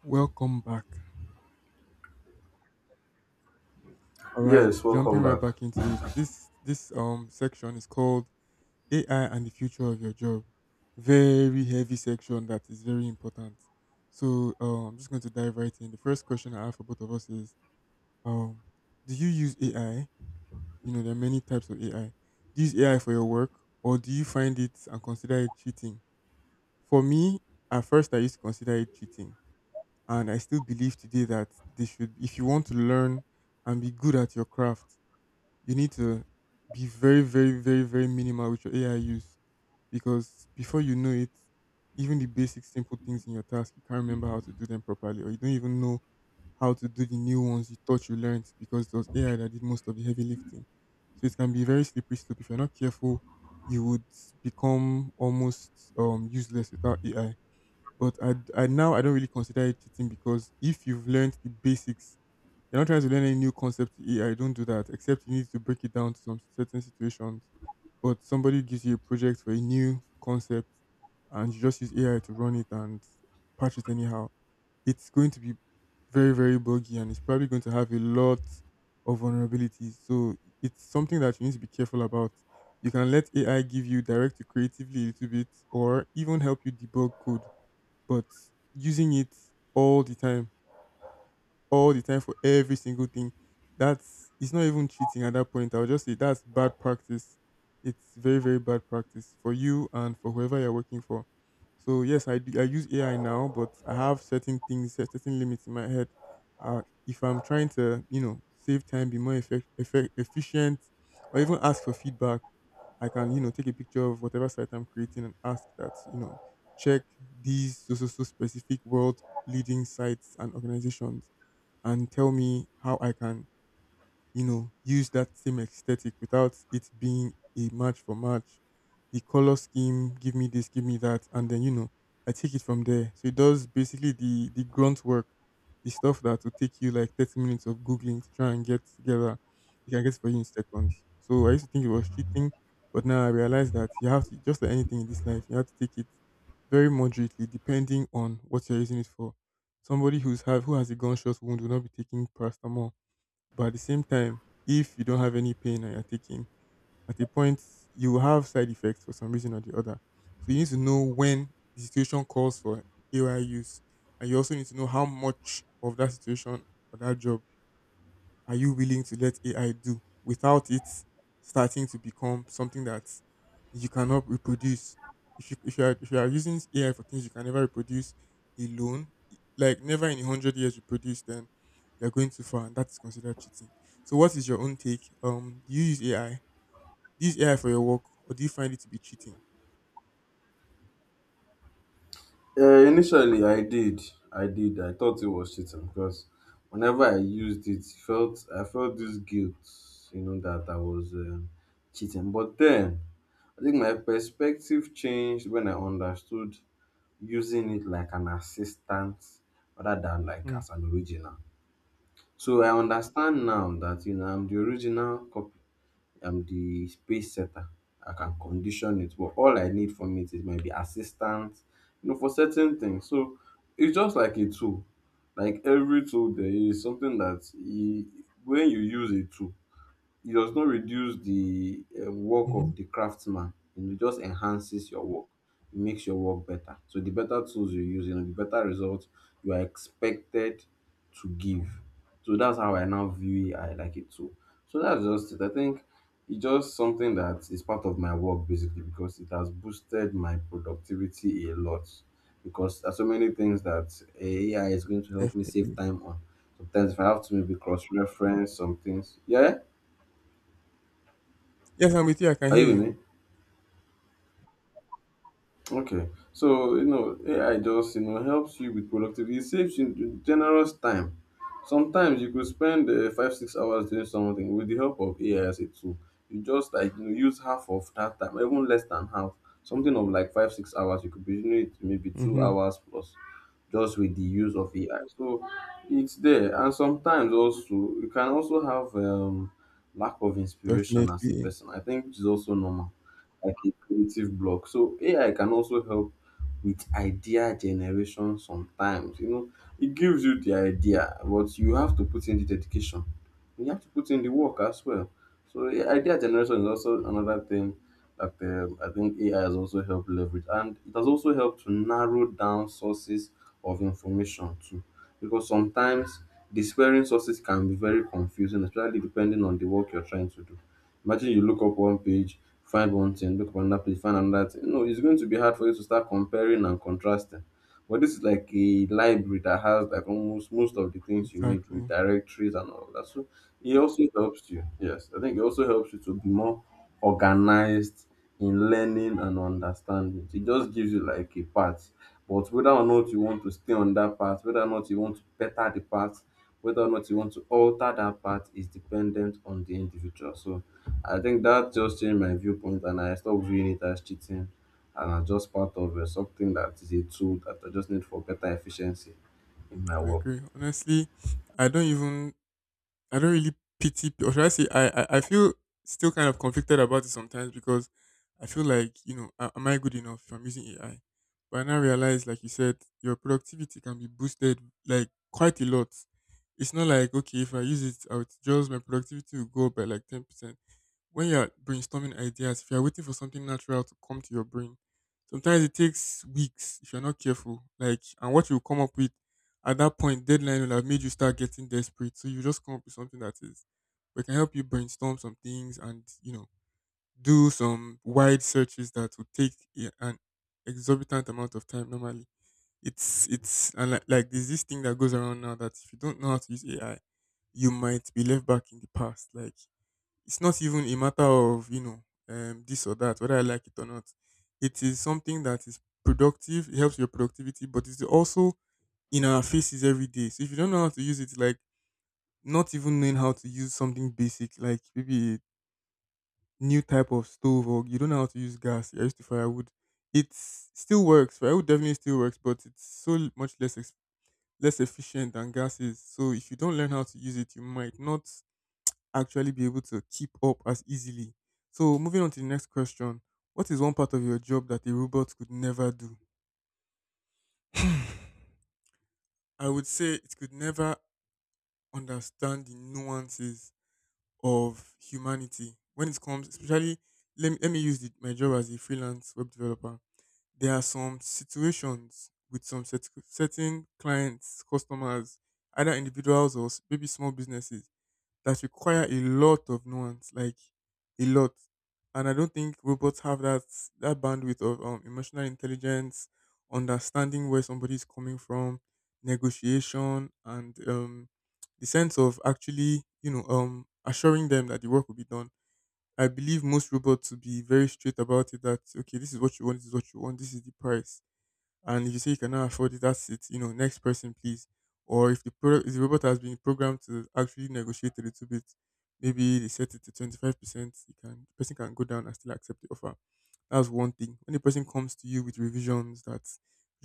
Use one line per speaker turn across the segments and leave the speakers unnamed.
Welcome back. All right,
Yes,
jumping
welcome
right
back.
back into it. This section is called AI and the future of your job. Very heavy section that is very important. So I'm just going to dive right in. The first question I have for both of us is um do you use AI? You know, there are many types of AI. Do you use AI for your work or do you find it and consider it cheating? For me, at first I used to consider it cheating. And I still believe today that they should if you want to learn and be good at your craft you need to be very, very, very, very minimal with your AI use because before you know it, even the basic simple things in your task, you can't remember how to do them properly, or you don't even know how to do the new ones you thought you learned because it was AI that did most of the heavy lifting. So it can be a very slippery slope. If you're not careful, you would become almost useless without AI. But I now I don't really consider it cheating because if you've learned the basics you're not trying to learn any new concept to AI. Don't do that. Except you need to break it down to some certain situations. But somebody gives you a project for a new concept, and you just use AI to run it and patch it anyhow. It's going to be very very buggy, and it's probably going to have a lot of vulnerabilities. So it's something that you need to be careful about. You can let AI give you direct you creatively a little bit, or even help you debug code. But using it all the time all the time for every single thing. That's it's not even cheating at that point. I'll just say that's bad practice. It's very very bad practice for you and for whoever you're working for. So yes, I use AI now, but I have certain things, certain limits in my head. If I'm trying to save time, be more efficient, or even ask for feedback, I can take a picture of whatever site I'm creating and ask that check these so specific world leading sites and organizations and tell me how I can you know, use that same aesthetic without it being a match for match. The color scheme, give me this, give me that, and then you know, I take it from there. So it does basically the grunt work, the stuff that will take you like 30 minutes of googling to try and get together. You can get it for you in seconds. So I used to think it was cheating, but now I realize that you have to just like anything in this life, you have to take it very moderately, depending on what you're using it for. Somebody who has a gunshot wound will not be taking paracetamol but at the same time, if you don't have any pain and you're taking, at a point you will have side effects for some reason or the other. So you need to know when the situation calls for AY use, and you also need to know how much of that situation or that job are you willing to let AI do without it starting to become something that you cannot reproduce? If you are using AI for things you can never reproduce alone, like never in a hundred years reproduce, then you're going too far, and that's considered cheating. So, what is your own take? Do you use AI? Do you use AI for your work, or do you find it to be cheating?
Initially, I did. I thought it was cheating because whenever I used it, it felt I felt this guilt, you know, that I was cheating. But then, I think my perspective changed when I understood using it like an assistant rather than like as an original. So I understand now that you know I'm the space setter. I can condition it, but all I need from it is maybe assistance, you know, for certain things. So it's just like a tool. Like every tool, there is something that you, when you use a tool, it does not reduce the work
Mm-hmm.
of the craftsman, you know, it just enhances your work, it makes your work better. So the better tools you use, you know, the better results you are expected to give. So that's how I now view AI, like a tool. So that's just it. I think it's just something that is part of my work basically because it has boosted my productivity a lot, because there's so many things that AI is going to help me save
Definitely.
time on, sometimes if I have to maybe cross reference some things. Yeah,
Yes, I'm with you. I can
are
hear
you with
you.
me? Okay. So, you know, AI just, you know, helps you with productivity. It saves you generous time. Sometimes you could spend five, 6 hours doing something with the help of AI as a tool. You just like, you know, use half of that time, even less than half. Something of like five, 6 hours you could be doing it maybe two
Mm-hmm.
hours plus just with the use of AI. So it's there. And sometimes also, you can also have lack of inspiration as a
Definitely.
person, I think, which is also normal, like a creative block. So AI can also help with idea generation sometimes. You know, it gives you the idea, but you have to put in the dedication. You have to put in the work as well. So yeah, idea generation is also another thing that, I think, AI has also helped leverage, and it has also helped to narrow down sources of information too, because sometimes despairing sources can be very confusing, especially depending on the work you're trying to do. Imagine you look up one page, find one thing, look up another page, find another thing. No, it's going to be hard for you to start comparing and contrasting. But this is like a library that has like almost most of the things you need with
Exactly.
directories and all that. So it also helps you. Yes, I think it also helps you to be more organized in learning and understanding. It just gives you like a path. But whether or not you want to stay on that path, whether or not you want to better the path, whether or not you want to alter that path is dependent on the individual. So I think that just changed my viewpoint and I stopped viewing it as cheating and as just part of something that is a tool that I just need for better efficiency in my
I
work.
agree. Honestly, I don't even I don't really pity pe- or should I say I feel still kind of conflicted about it sometimes because I feel like, you know, am I good enough if I'm using AI? But I now realize, like you said, your productivity can be boosted like quite a lot. It's not like okay, if I use it out, just my productivity will go up by like 10% when you're brainstorming ideas, if you're waiting for something natural to come to your brain, sometimes it takes weeks if you're not careful. Like, and what you come up with at that point, deadline will have made you start getting desperate. So you just come up with something that is, we can help you brainstorm some things and, you know, do some wide searches that would take an exorbitant amount of time normally. Like there's this thing that goes around now that if you don't know how to use AI, you might be left back in the past. Like, it's not even a matter of this or that whether I like it or not. It is something that is productive. It helps your productivity, but it's also in our faces every day. So if you don't know how to use it, like not even knowing how to use something basic like maybe a new type of stove or you don't know how to use gas, you're used to firewood. It still works. Firewood definitely still works, but it's so much less efficient than gas is. So if you don't learn how to use it you might not actually be able to keep up as easily. So moving on to the next question. What is one part of your job that a robot could never do? I would say it could never understand the nuances of humanity when it comes, especially. Let me use my job as a freelance web developer. There are some situations with some certain clients, customers, either individuals or maybe small businesses that require a lot of nuance, like a lot. And I don't think robots have that bandwidth of emotional intelligence, understanding where somebody is coming from, negotiation, and the sense of actually, you know, assuring them that the work will be done. I believe most robots to be very straight about it. That okay, this is what you want, this is what you want, this is the price and if you say you cannot afford it, that's it. You know, next person, please. Or if the product, if the robot has been programmed to actually negotiate a little bit, maybe they set it to 25%. You can the person can go down and still accept the offer. That's one thing. When the person comes to you with revisions that could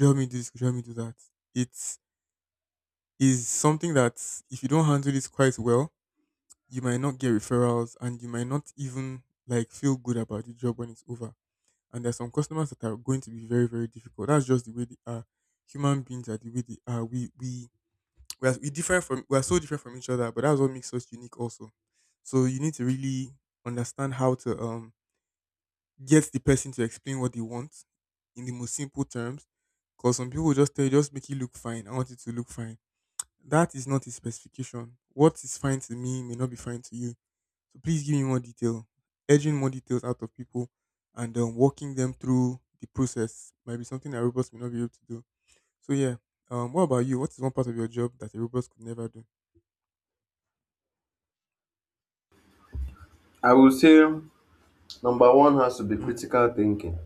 you help me do this, could you help me do that, it is something that if you don't handle this quite well, you might not get referrals and you might not even like feel good about the job when it's over. And there's some customers that are going to be very very difficult. That's just the way they are. Human beings are the way they are. We different from we are so different from each other, but that's what makes us unique also. So you need to really understand how to get the person to explain what they want in the most simple terms. Because some people just tell you just make it look fine, I want it to look fine. That is not a specification. What is fine to me may not be fine to you. So please give me more detail. Edging more details out of people and walking them through the process might be something that robots may not be able to do. So yeah, what about you? What is one part of your job that a robot could never do?
I would say number one has to be
Hmm.
critical thinking.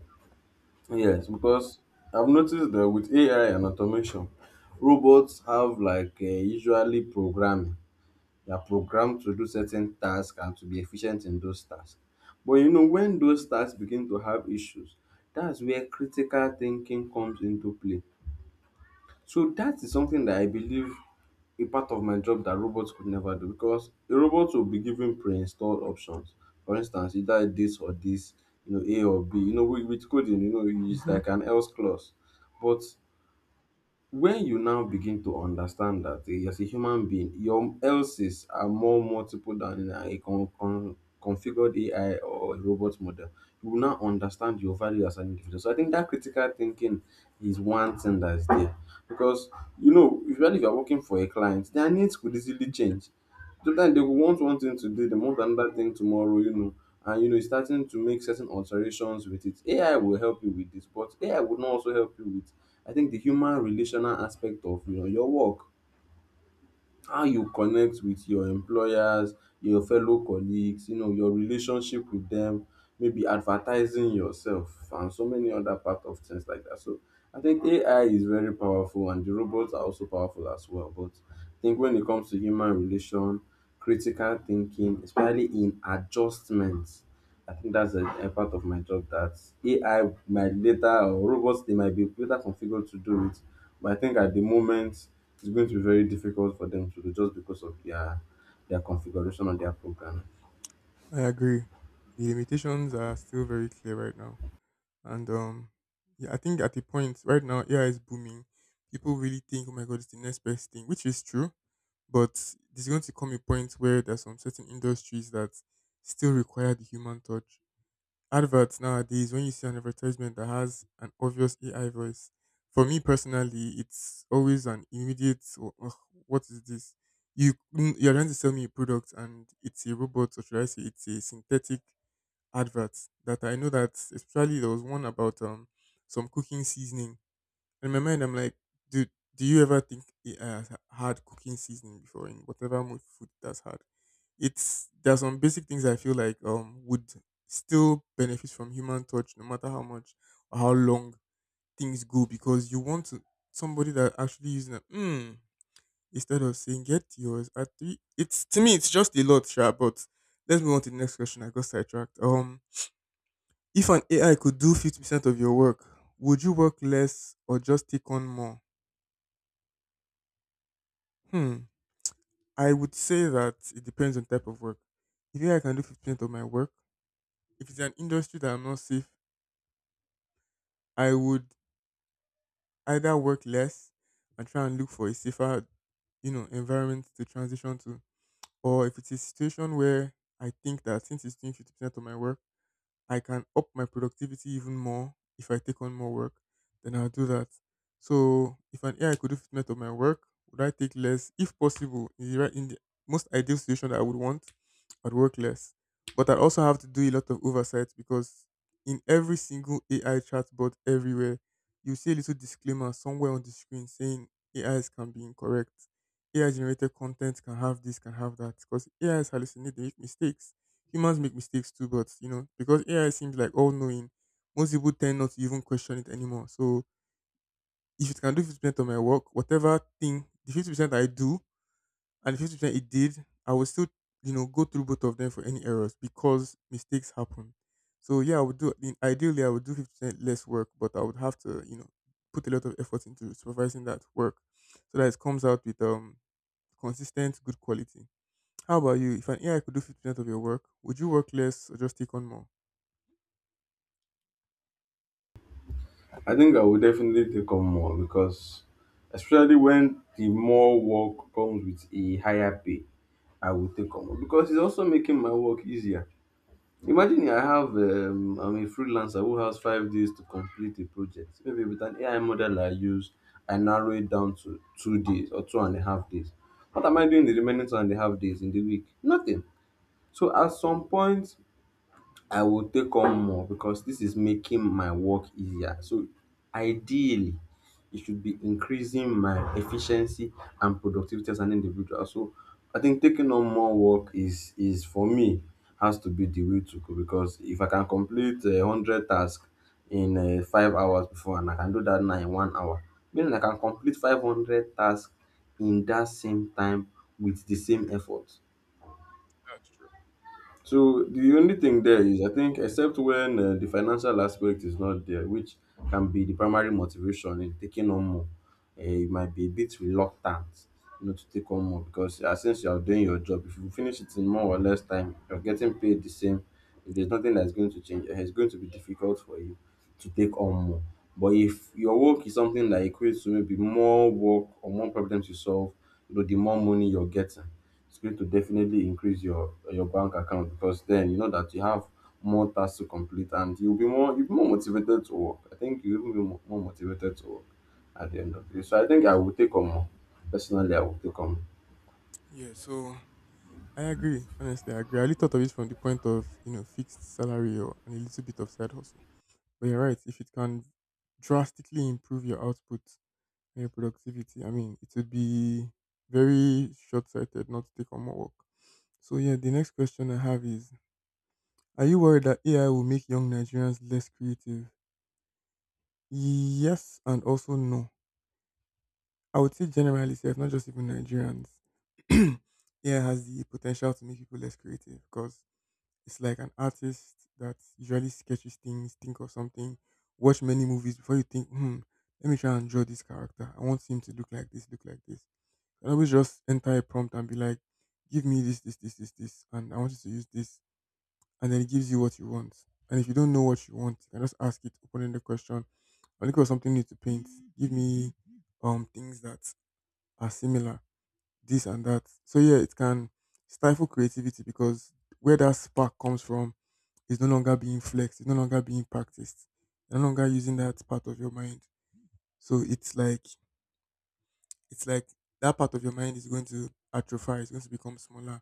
Yes, because I've noticed that with AI and automation, robots have like usually programming. They are programmed to do certain tasks and to be efficient in those tasks. But you know, when those tasks begin to have issues, that's where critical thinking comes into play. So that is something that I believe, a part of my job that robots could never do, because a robot will be given pre-installed options. For instance, either this or this, you know, A or B. You know, with coding, you know, it's
Mm-hmm.
like an else clause. But when you now begin to understand that, eh, as a human being, your else's are more multiple than a configured AI or a robot model, you will now understand your value as an individual. So I think that critical thinking is one thing that's there. Because, you know, usually if you're working for a client, their needs could easily change. Sometimes they will want one thing today, they want another thing tomorrow, you know, and you know, it's starting to make certain alterations with it. AI will help you with this, but AI would not also help you with, I think, the human relational aspect of, you know, your work, how you connect with your employers, your fellow colleagues, you know, your relationship with them, maybe advertising yourself, and so many other part of things like that. So I think AI is very powerful, and the robots are also powerful as well. But I think when it comes to human relation, critical thinking, especially in adjustments, I think that's a part of my job that AI might later, or robots, they might be later configured to do it. But I think at the moment it's going to be very difficult for them to do just because of their configuration of their program.
I agree. The limitations are still very clear right now, and yeah, I think at a point right now AI is booming. People really think, oh my god, it's the next best thing, which is true. But there's going to come a point where there's some certain industries that still require the human touch. Adverts nowadays, when you see an advertisement that has an obvious AI voice, for me personally, it's always an immediate, "Oh, ugh, what is this? You, you're trying to sell me a product and it's a robot, or should I say it's a synthetic advert that I know that, especially there was one about some cooking seasoning in my mind, I'm like, dude, do you ever think it has had cooking seasoning before in whatever food that's had? It's there's some basic things I feel like would still benefit from human touch, no matter how much or how long things go, because you want to somebody that actually using a instead of saying get yours at three. It's to me, it's just a lot, sure, but let's move on to the next question. I got sidetracked. If an AI could do 50% of your work, would you work less or just take on more? Hmm. I would say that it depends on type of work. If A I can do 50% of my work, if it's an industry that I'm not safe, I would either work less and try and look for a safer, you know, environment to transition to. Or if it's a situation where I think that since it's doing 50% of my work, I can up my productivity even more if I take on more work, then I'll do that. So if an AI could do fitment of my work, would I take less? If possible, in the most ideal situation that I would want, I'd work less. But I also have to do a lot of oversight because in every single AI chatbot everywhere, you see a little disclaimer somewhere on the screen saying AIs can be incorrect. AI generated content can have this, can have that, because AIs hallucinate, they make mistakes humans make mistakes too, but you know, because AI seems like all knowing, most people tend not to even question it anymore. So if it can do 50% of my work, whatever thing the 50% I do and the 50% it did, I will still, you know, go through both of them for any errors because mistakes happen. So yeah, I would do ideally I would do 50% less work, but I would have to, you know, put a lot of effort into supervising that work so that it comes out with consistent good quality. How about you? If an AI could do 50% of your work, would you work less or just take on more?
I think I will definitely take on more, because especially when the more work comes with a higher pay, I will take on more because it's also making my work easier. Imagine I have, I'm a freelancer who has 5 days to complete a project. Maybe with an AI model I use, I narrow it down to 2 days or two and a half days. What am I doing the remaining two and a half days in the week? Nothing. So at some point, I will take on more because this is making my work easier. So ideally, it should be increasing my efficiency and productivity as an individual. So I think taking on more work is for me, has to be the way to go, because if I can complete a hundred tasks in 5 hours before and I can do that now in 1 hour, meaning I can complete 500 tasks in that same time with the same effort.
That's true.
So the only thing there is, I think, except when the financial aspect is not there, which can be the primary motivation in taking on more, you might be a bit reluctant, you know, to take on more because, since you are doing your job, if you finish it in more or less time, you're getting paid the same. If there's nothing that's going to change, eh, it's going to be difficult for you to take on more. But if your work is something that equates to maybe more work or more problems you solve, you know, the more money you're getting, it's going to definitely increase your bank account because then you know that you have more tasks to complete and you'll be more motivated to work. I think you'll even be more motivated to work at the end of the day. So I think I will take on more. Personally, I will take on more.
Yeah, so I agree. Honestly, I agree. I only thought of it from the point of you know fixed salary or and a little bit of side hustle. But you're right. If it can drastically improve your output and your productivity, I mean, it would be very short-sighted not to take on more work. So yeah, the next question I have is: are you worried that AI will make young Nigerians less creative? Yes, and also no. I would say generally, if not just even Nigerians, AI has the potential to make people less creative because it's like an artist that usually sketches things, think of something, watch many movies before you think, hmm, let me try and draw this character. I want him to look like this, look like this. And always just enter a prompt and be like, give me this, this, this, this, this, and I want you to use this. And then it gives you what you want. And if you don't know what you want, you can just ask it, open the question. I'm looking for something new to paint. Give me things that are similar, this and that. So yeah, it can stifle creativity because where that spark comes from is no longer being flexed, it's no longer being practiced. You're no longer using that part of your mind. So it's like that part of your mind is going to atrophy, it's going to become smaller.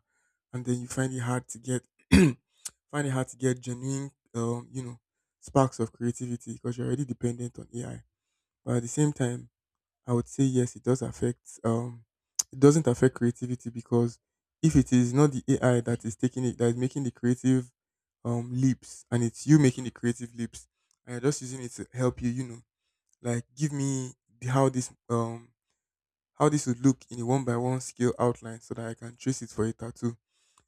And then you find it hard to get find it hard to get genuine you know, sparks of creativity because you're already dependent on AI. But at the same time, I would say yes, it does affect. It doesn't affect creativity because if it is not the AI that is taking it, that is making the creative leaps, and it's you making the creative leaps, and you're just using it to help you. You know, like give me the, how this um how this would look in a one by one scale outline so that I can trace it for a tattoo.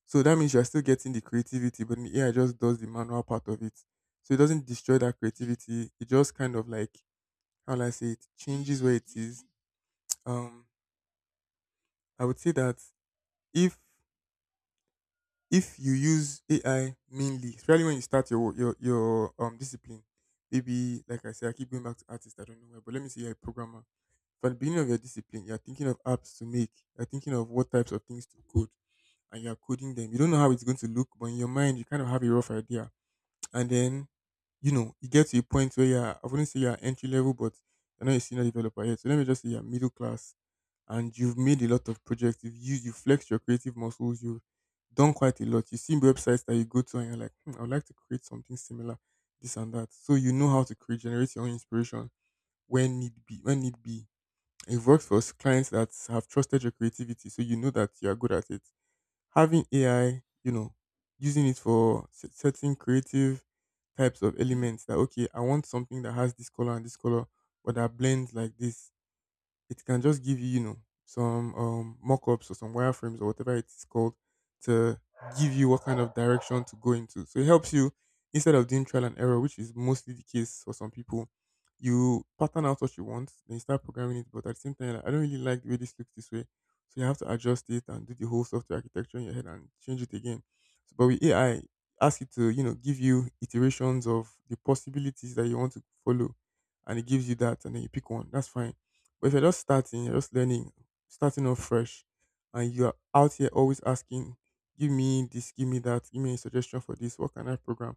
So that means you're still getting the creativity, but the AI just does the manual part of it. So it doesn't destroy that creativity. It just kind of like how will I say it changes where it is. Um I would say that if if you use AI mainly, especially when you start your discipline, maybe like I said, I keep going back to artist. I don't know why, but let me say you're a programmer. From the beginning of your discipline, you're thinking of apps to make. You're thinking of what types of things to code, and you're coding them. You don't know how it's going to look, but in your mind, you kind of have a rough idea. And then, you know, you get to a point where you're I wouldn't say you're entry level, but I know you're not a senior developer yet. So let me just say you're middle class and you've made a lot of projects. You've used, you flexed your creative muscles. You've done quite a lot. You see websites that you go to and you're like, hmm, I would like to create something similar, this and that. So you know how to create, generate your own inspiration when need be. When need be, it works for clients that have trusted your creativity, so you know that you are good at it. Having AI, you know, using it for certain creative types of elements. That okay, I want something that has this color and this color, but that blends like this it can just give you, you know, some mock-ups or some wireframes or whatever it is called to give you what kind of direction to go into. So it helps you instead of doing trial and error, which is mostly the case for some people. You pattern out what you want, then you start programming it. But at the same time, you're like, I don't really like the way this looks this way, so you have to adjust it and do the whole software architecture in your head and change it again. So, but with AI, ask it to you know give you iterations of the possibilities that you want to follow, and it gives you that, and then you pick one. That's fine but if you're just starting, you're just learning, starting off fresh, and you're out here always asking, give me this, give me that, give me a suggestion for this, what can I program?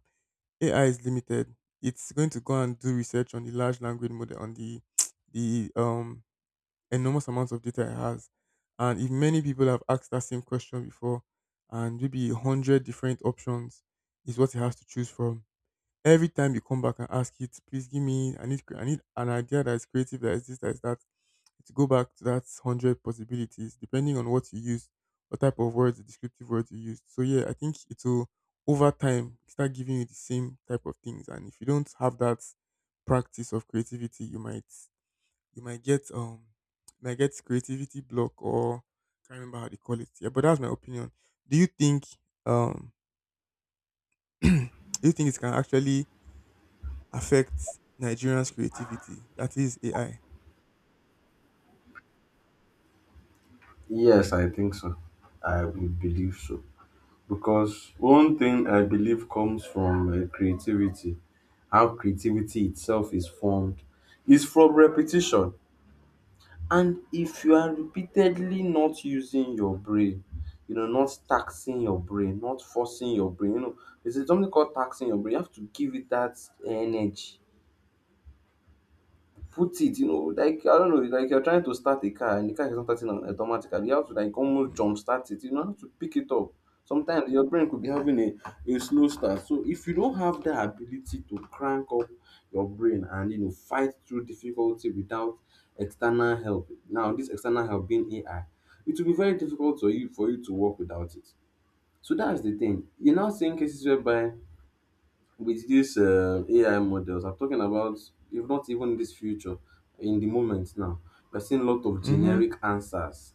AI is limited. It's going to go and do research on the large language model, on the the enormous amounts of data it has. And if many people have asked that same question before, and maybe 100 different options is what it has to choose from. Every time you come back and ask it, please give me, I need, I need an idea that is creative, that is this, that is that to go back to that 100 possibilities, depending on what you use, what type of words, the descriptive words you used. So, yeah, I think it will, over time, start giving you the same type of things. And if you don't have that practice of creativity, you might, you might get, um, you might get creativity block or can't remember how they call it. Yeah, but that's my opinion. Do you think, um, do you think it can actually affect Nigerians' creativity? That is AI.
Yes, I think so. I would believe so. Because one thing I believe comes from, creativity, how creativity itself is formed, is from repetition. And if you are repeatedly not using your brain, you know, not taxing your brain, not forcing your brain, you know, there's something called taxing your brain. You have to give it that energy, put it, you know, like, I don't know, it's like you're trying to start a car and the car is not starting automatically. You have to like almost
Mm-hmm.
jump start it, you know, have to pick it up. Sometimes your brain could be having a slow start. So if you don't have that ability to crank up your brain and you know fight through difficulty without external help, now this external help being AI, it will be very difficult for you to work without it. So that's the thing. You're now seeing cases whereby with this, AI models, I'm talking about, if not even this future, in the moment now, we're seeing a lot of
Mm-hmm.
generic answers,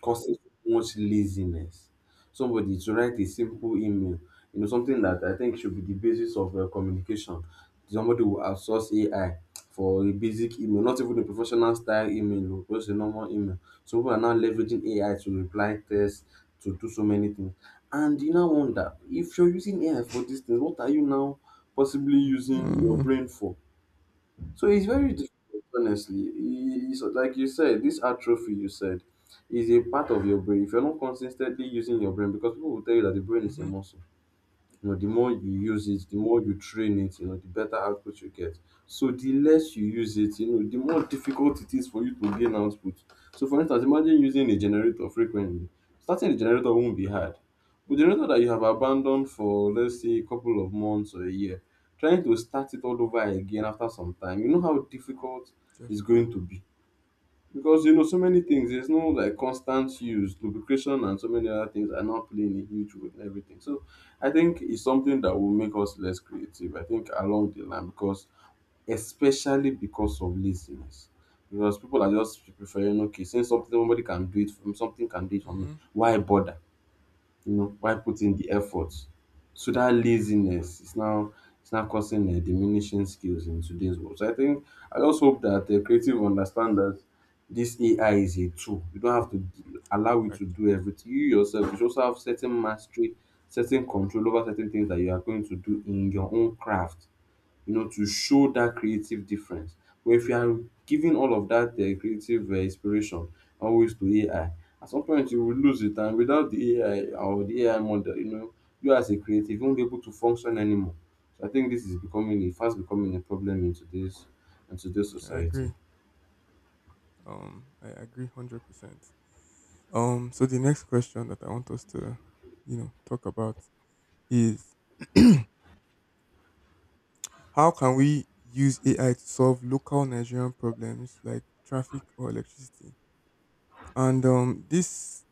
causes much laziness. Somebody to write a simple email, you know, something that I think should be the basis of communication. Somebody will outsource AI for a basic email, not even a professional style email, or just a normal email. So people are now leveraging AI to reply tests, to do so many things. And you now wonder, if you're using AI for these things, what are you now possibly using your
Mm.
brain for? So it's very difficult, honestly. It's like you said, this atrophy you said is a part of your brain. If you're not consistently using your brain, because people will tell you that the brain is a
Mm-hmm.
muscle, the more you use it, the more you train it, the better output you get. So the less you use it, the more difficult it is for you to gain output. So for instance, imagine using a generator frequently, starting a generator won't be hard. But generator that you have abandoned for, let's say, a couple of months or a year, trying to start it all over again after some time, you know how difficult it's
Definitely.
going to be. Because so many things, there's no like constant use, lubrication and so many other things are not playing a huge role in everything. So I think it's something that will make us less creative, I think, along the line, because especially because of laziness. Because people are just preferring, okay, since something, somebody can do it for me, something can do it for me,
Mm-hmm.
why bother while putting the effort? So that laziness is now, it's now causing diminishing skills in today's world. So I think I just hope that the creative understand that this AI is a tool. You don't have to allow it
I,
to do everything. You yourself, you should also have certain mastery, certain control over certain things that you are going to do in your own craft, to show that creative difference. But if you are giving all of that creative inspiration always to AI, at some point you will lose it, and without the AI or the AI model, you know, you as a creative won't be able to function anymore. So I think this is becoming a fast becoming a problem in today's, in today's
I
society.
agree. I agree 100%. So the next question that I want us to, you know, talk about is how can we use AI to solve local Nigerian problems like traffic or electricity? And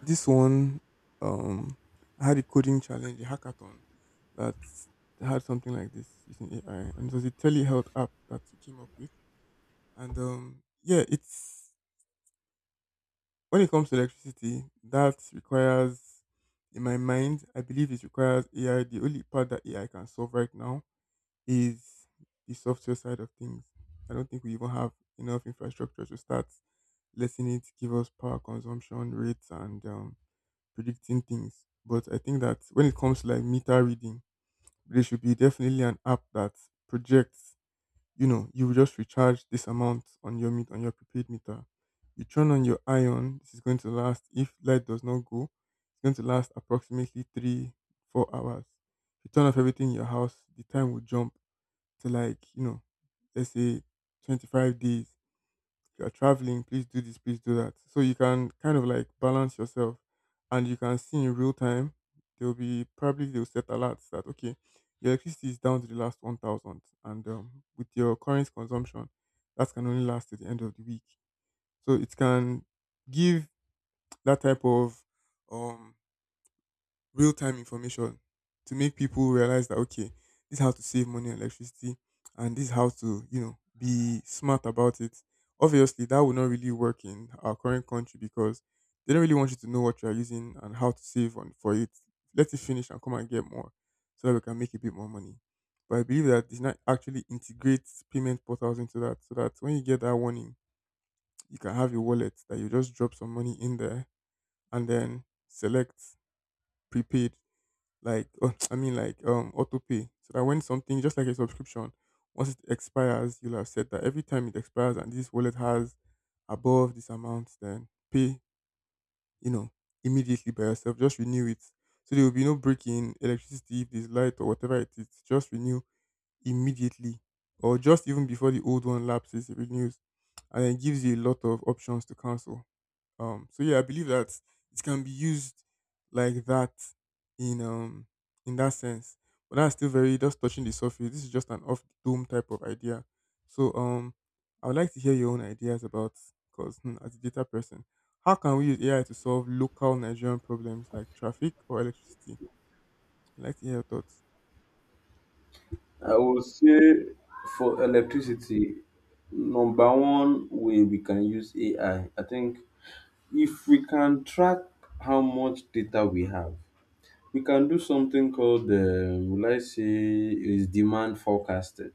this one um, I had a coding challenge, a hackathon that had something like this using AI, and it was a telehealth app that we came up with. And yeah, it's when it comes to electricity, that requires, in my mind, I believe it requires AI. The only part that AI can solve right now is the software side of things. I don't think we even have enough infrastructure to start letting it give us power consumption rates and predicting things. But I think that when it comes to like meter reading, there should be definitely an app that projects. You know, you will just recharge this amount on your prepaid meter. You turn on your ion. This is going to last. If light does not go, it's going to last approximately three, 4 hours. You turn off everything in your house, the time will jump to like, you know, let's say 25 days. If you're traveling, please do this, please do that. So you can kind of like balance yourself and you can see in real time, there'll be probably they'll set alerts that, okay, your electricity is down to the last 1,000 and with your current consumption, that can only last to the end of the week. So it can give that type of um real time information to make people realize that, okay, this is how to save money on electricity and this is how to be smart about it. Obviously that would not really work in our current country because they don't really want you to know what you are using and how to save on for it. Let it finish and come and get more so that we can make a bit more money. But I believe that it's not actually integrates payment portals into that so that when you get that warning, you can have your wallet that you just drop some money in there and then select prepaid like I mean like auto pay so that when something just like a subscription, once it expires, you'll have said that every time it expires and this wallet has above this amount then pay you know immediately, by yourself just renew it, so there will be no break in electricity. If there's light or whatever, it is just renew immediately, or just even before the old one lapses it renews, and it gives you a lot of options to cancel. So yeah, I believe that it can be used like that in um in that sense. But that's still very just touching the surface. This is just an off the dome type of idea. So I would like to hear your own ideas about, because as a data person, how can we use AI to solve local Nigerian problems like traffic or electricity? I'd like to hear your thoughts.
I would say for
Mm-hmm.
electricity, number one way we can use AI, I think if we can track how much data we have, we can do something called, will I say, is demand
Okay.
forecasting.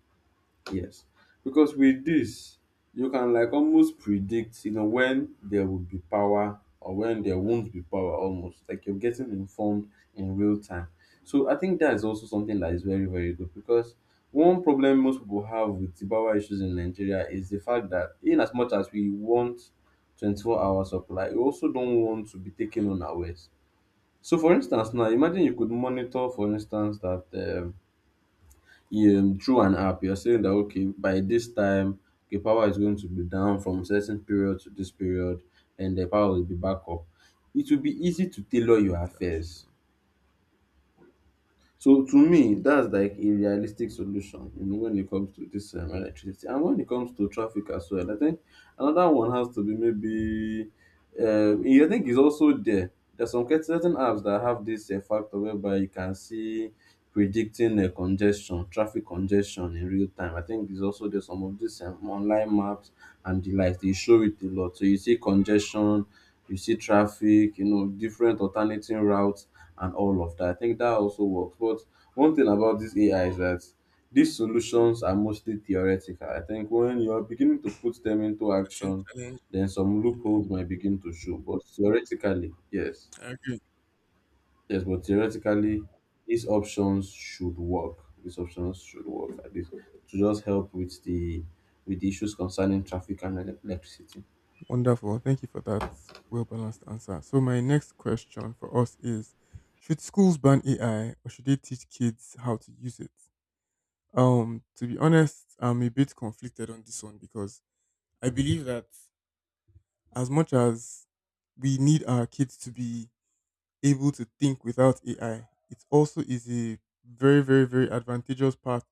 Yes, because with this, you can like almost predict, you know, when there will be power or when there won't be power, almost like you're getting informed in real time. So I think that is also something that is very very good, because one problem most people have with the power issues in Nigeria is the fact that in as much as we want 24-hour supply, we also don't want to be
Hmm.
taken unawares. So, for instance, now imagine you could monitor, for instance, that you, through an app, you're saying that okay, by this time, the power is going to be down from certain period to this period, and the power will be back up. It will be easy to tailor your
That's
affairs.
true.
So to me, that's like a realistic solution, you know, when it comes to this electricity. And when it comes to traffic as well, I think another one has to be maybe, I think it's also there. There's some certain apps that have this factor whereby you can see predicting congestion, traffic congestion in real time. I think there's also there's some of these online maps and the like. They show it a lot. So you see congestion, you see traffic, you know, different alternating routes and all of that. I think that also works. But one thing about this AI is that these solutions are mostly theoretical. I think when you're beginning to put them into
Certain
action,
challenge.
then some loopholes might begin to show. But theoretically, yes.
I agree.
Yes, but theoretically, these options should work. These options should work, at least to just help with the, with the issues concerning traffic and electricity.
Wonderful. Well, thank you for that well balanced answer. So, my next question for us is: should schools ban AI or should they teach kids how to use it? To be honest, I'm a bit conflicted on this one, because I believe that as much as we need our kids to be able to think without AI, it also is a very, very, very advantageous path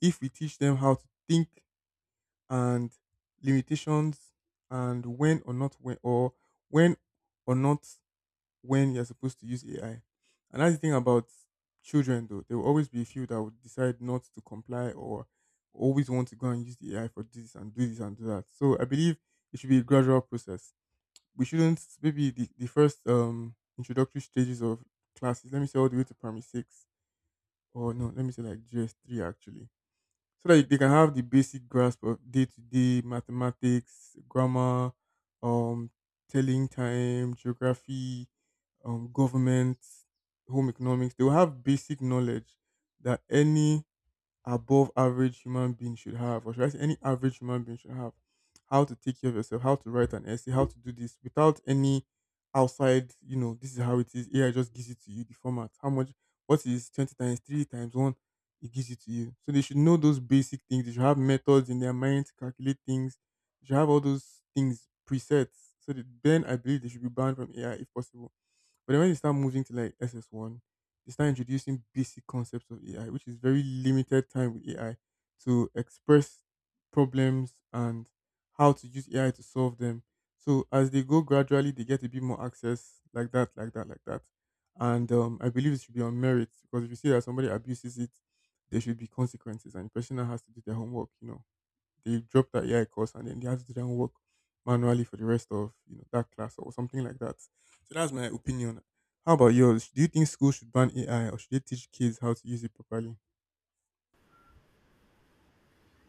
if we teach them how to think and limitations, and when or not when you're supposed to use AI. And that's the thing about children though. There will always be a few that would decide not to comply, or always want to go and use the AI for this and do that. So I believe it should be a gradual process. We shouldn't, maybe the first introductory stages of classes, let me say all the way to Primary 6, or no, let me say like GS 3 actually, so that they can have the basic grasp of day to day mathematics, grammar, um, telling time, geography, government, home economics. They will have basic knowledge that any above average human being should have, or should I say any average human being should have: how to take care of yourself, how to write an essay, how to do this without any outside, this is how it is. AI just gives it to you, the format. How much, what is 20 times 3 times 1? It gives it to you. So they should know those basic things. They should have methods in their mind to calculate things. They should have all those things presets. So that then I believe they should be banned from AI if possible. But then when you start moving to like SS1, you start introducing basic concepts of AI, which is very limited time with AI to express problems and how to use AI to solve them. So as they go gradually, they get a bit more access, like that, like that, like that. And I believe it should be on merit, because if you see that somebody abuses it, there should be consequences, and the person now has to do their homework, they drop that AI course and then they had to do their own work manually for the rest of that class or something like that. So that's my opinion. How about yours? Do you think schools should ban AI or should they teach kids how to use it properly?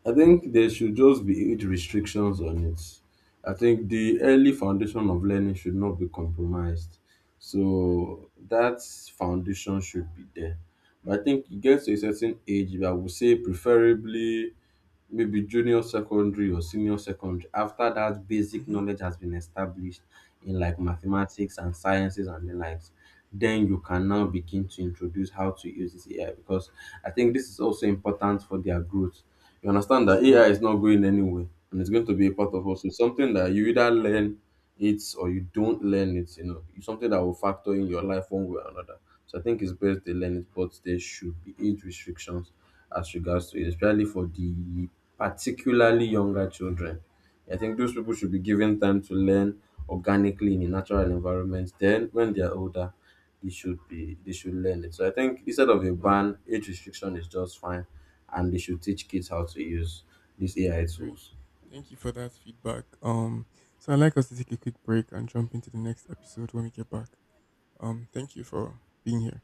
I think there should just be age restrictions on it. I think the early foundation of learning should not be compromised, so that foundation should be there. But I think it gets to a certain age. I would say preferably maybe junior secondary or senior secondary, after that basic
Hmm.
knowledge has been established in like mathematics and sciences and the likes, then you can now begin to introduce how to use this AI, because I think this is also important for their growth. You understand
It's
that
not.
ai is not going anywhere, and it's going to be a part of us. It's something that you either learn it or you don't learn it, you know. It's something that will factor in your life one way or another. So I think it's best they learn it, but there should be age restrictions as regards to it, especially for the particularly younger children. I think those people should be given time to learn organically in a natural environment. Then, when they are older, they should learn it. So I think instead of a ban, age restriction is just fine, and they should teach kids how to use these
Yeah,
AI
I agree.
tools.
Thank you for that feedback. So I'd like us to take a quick break and jump into the next episode when we get back. Thank you for being here.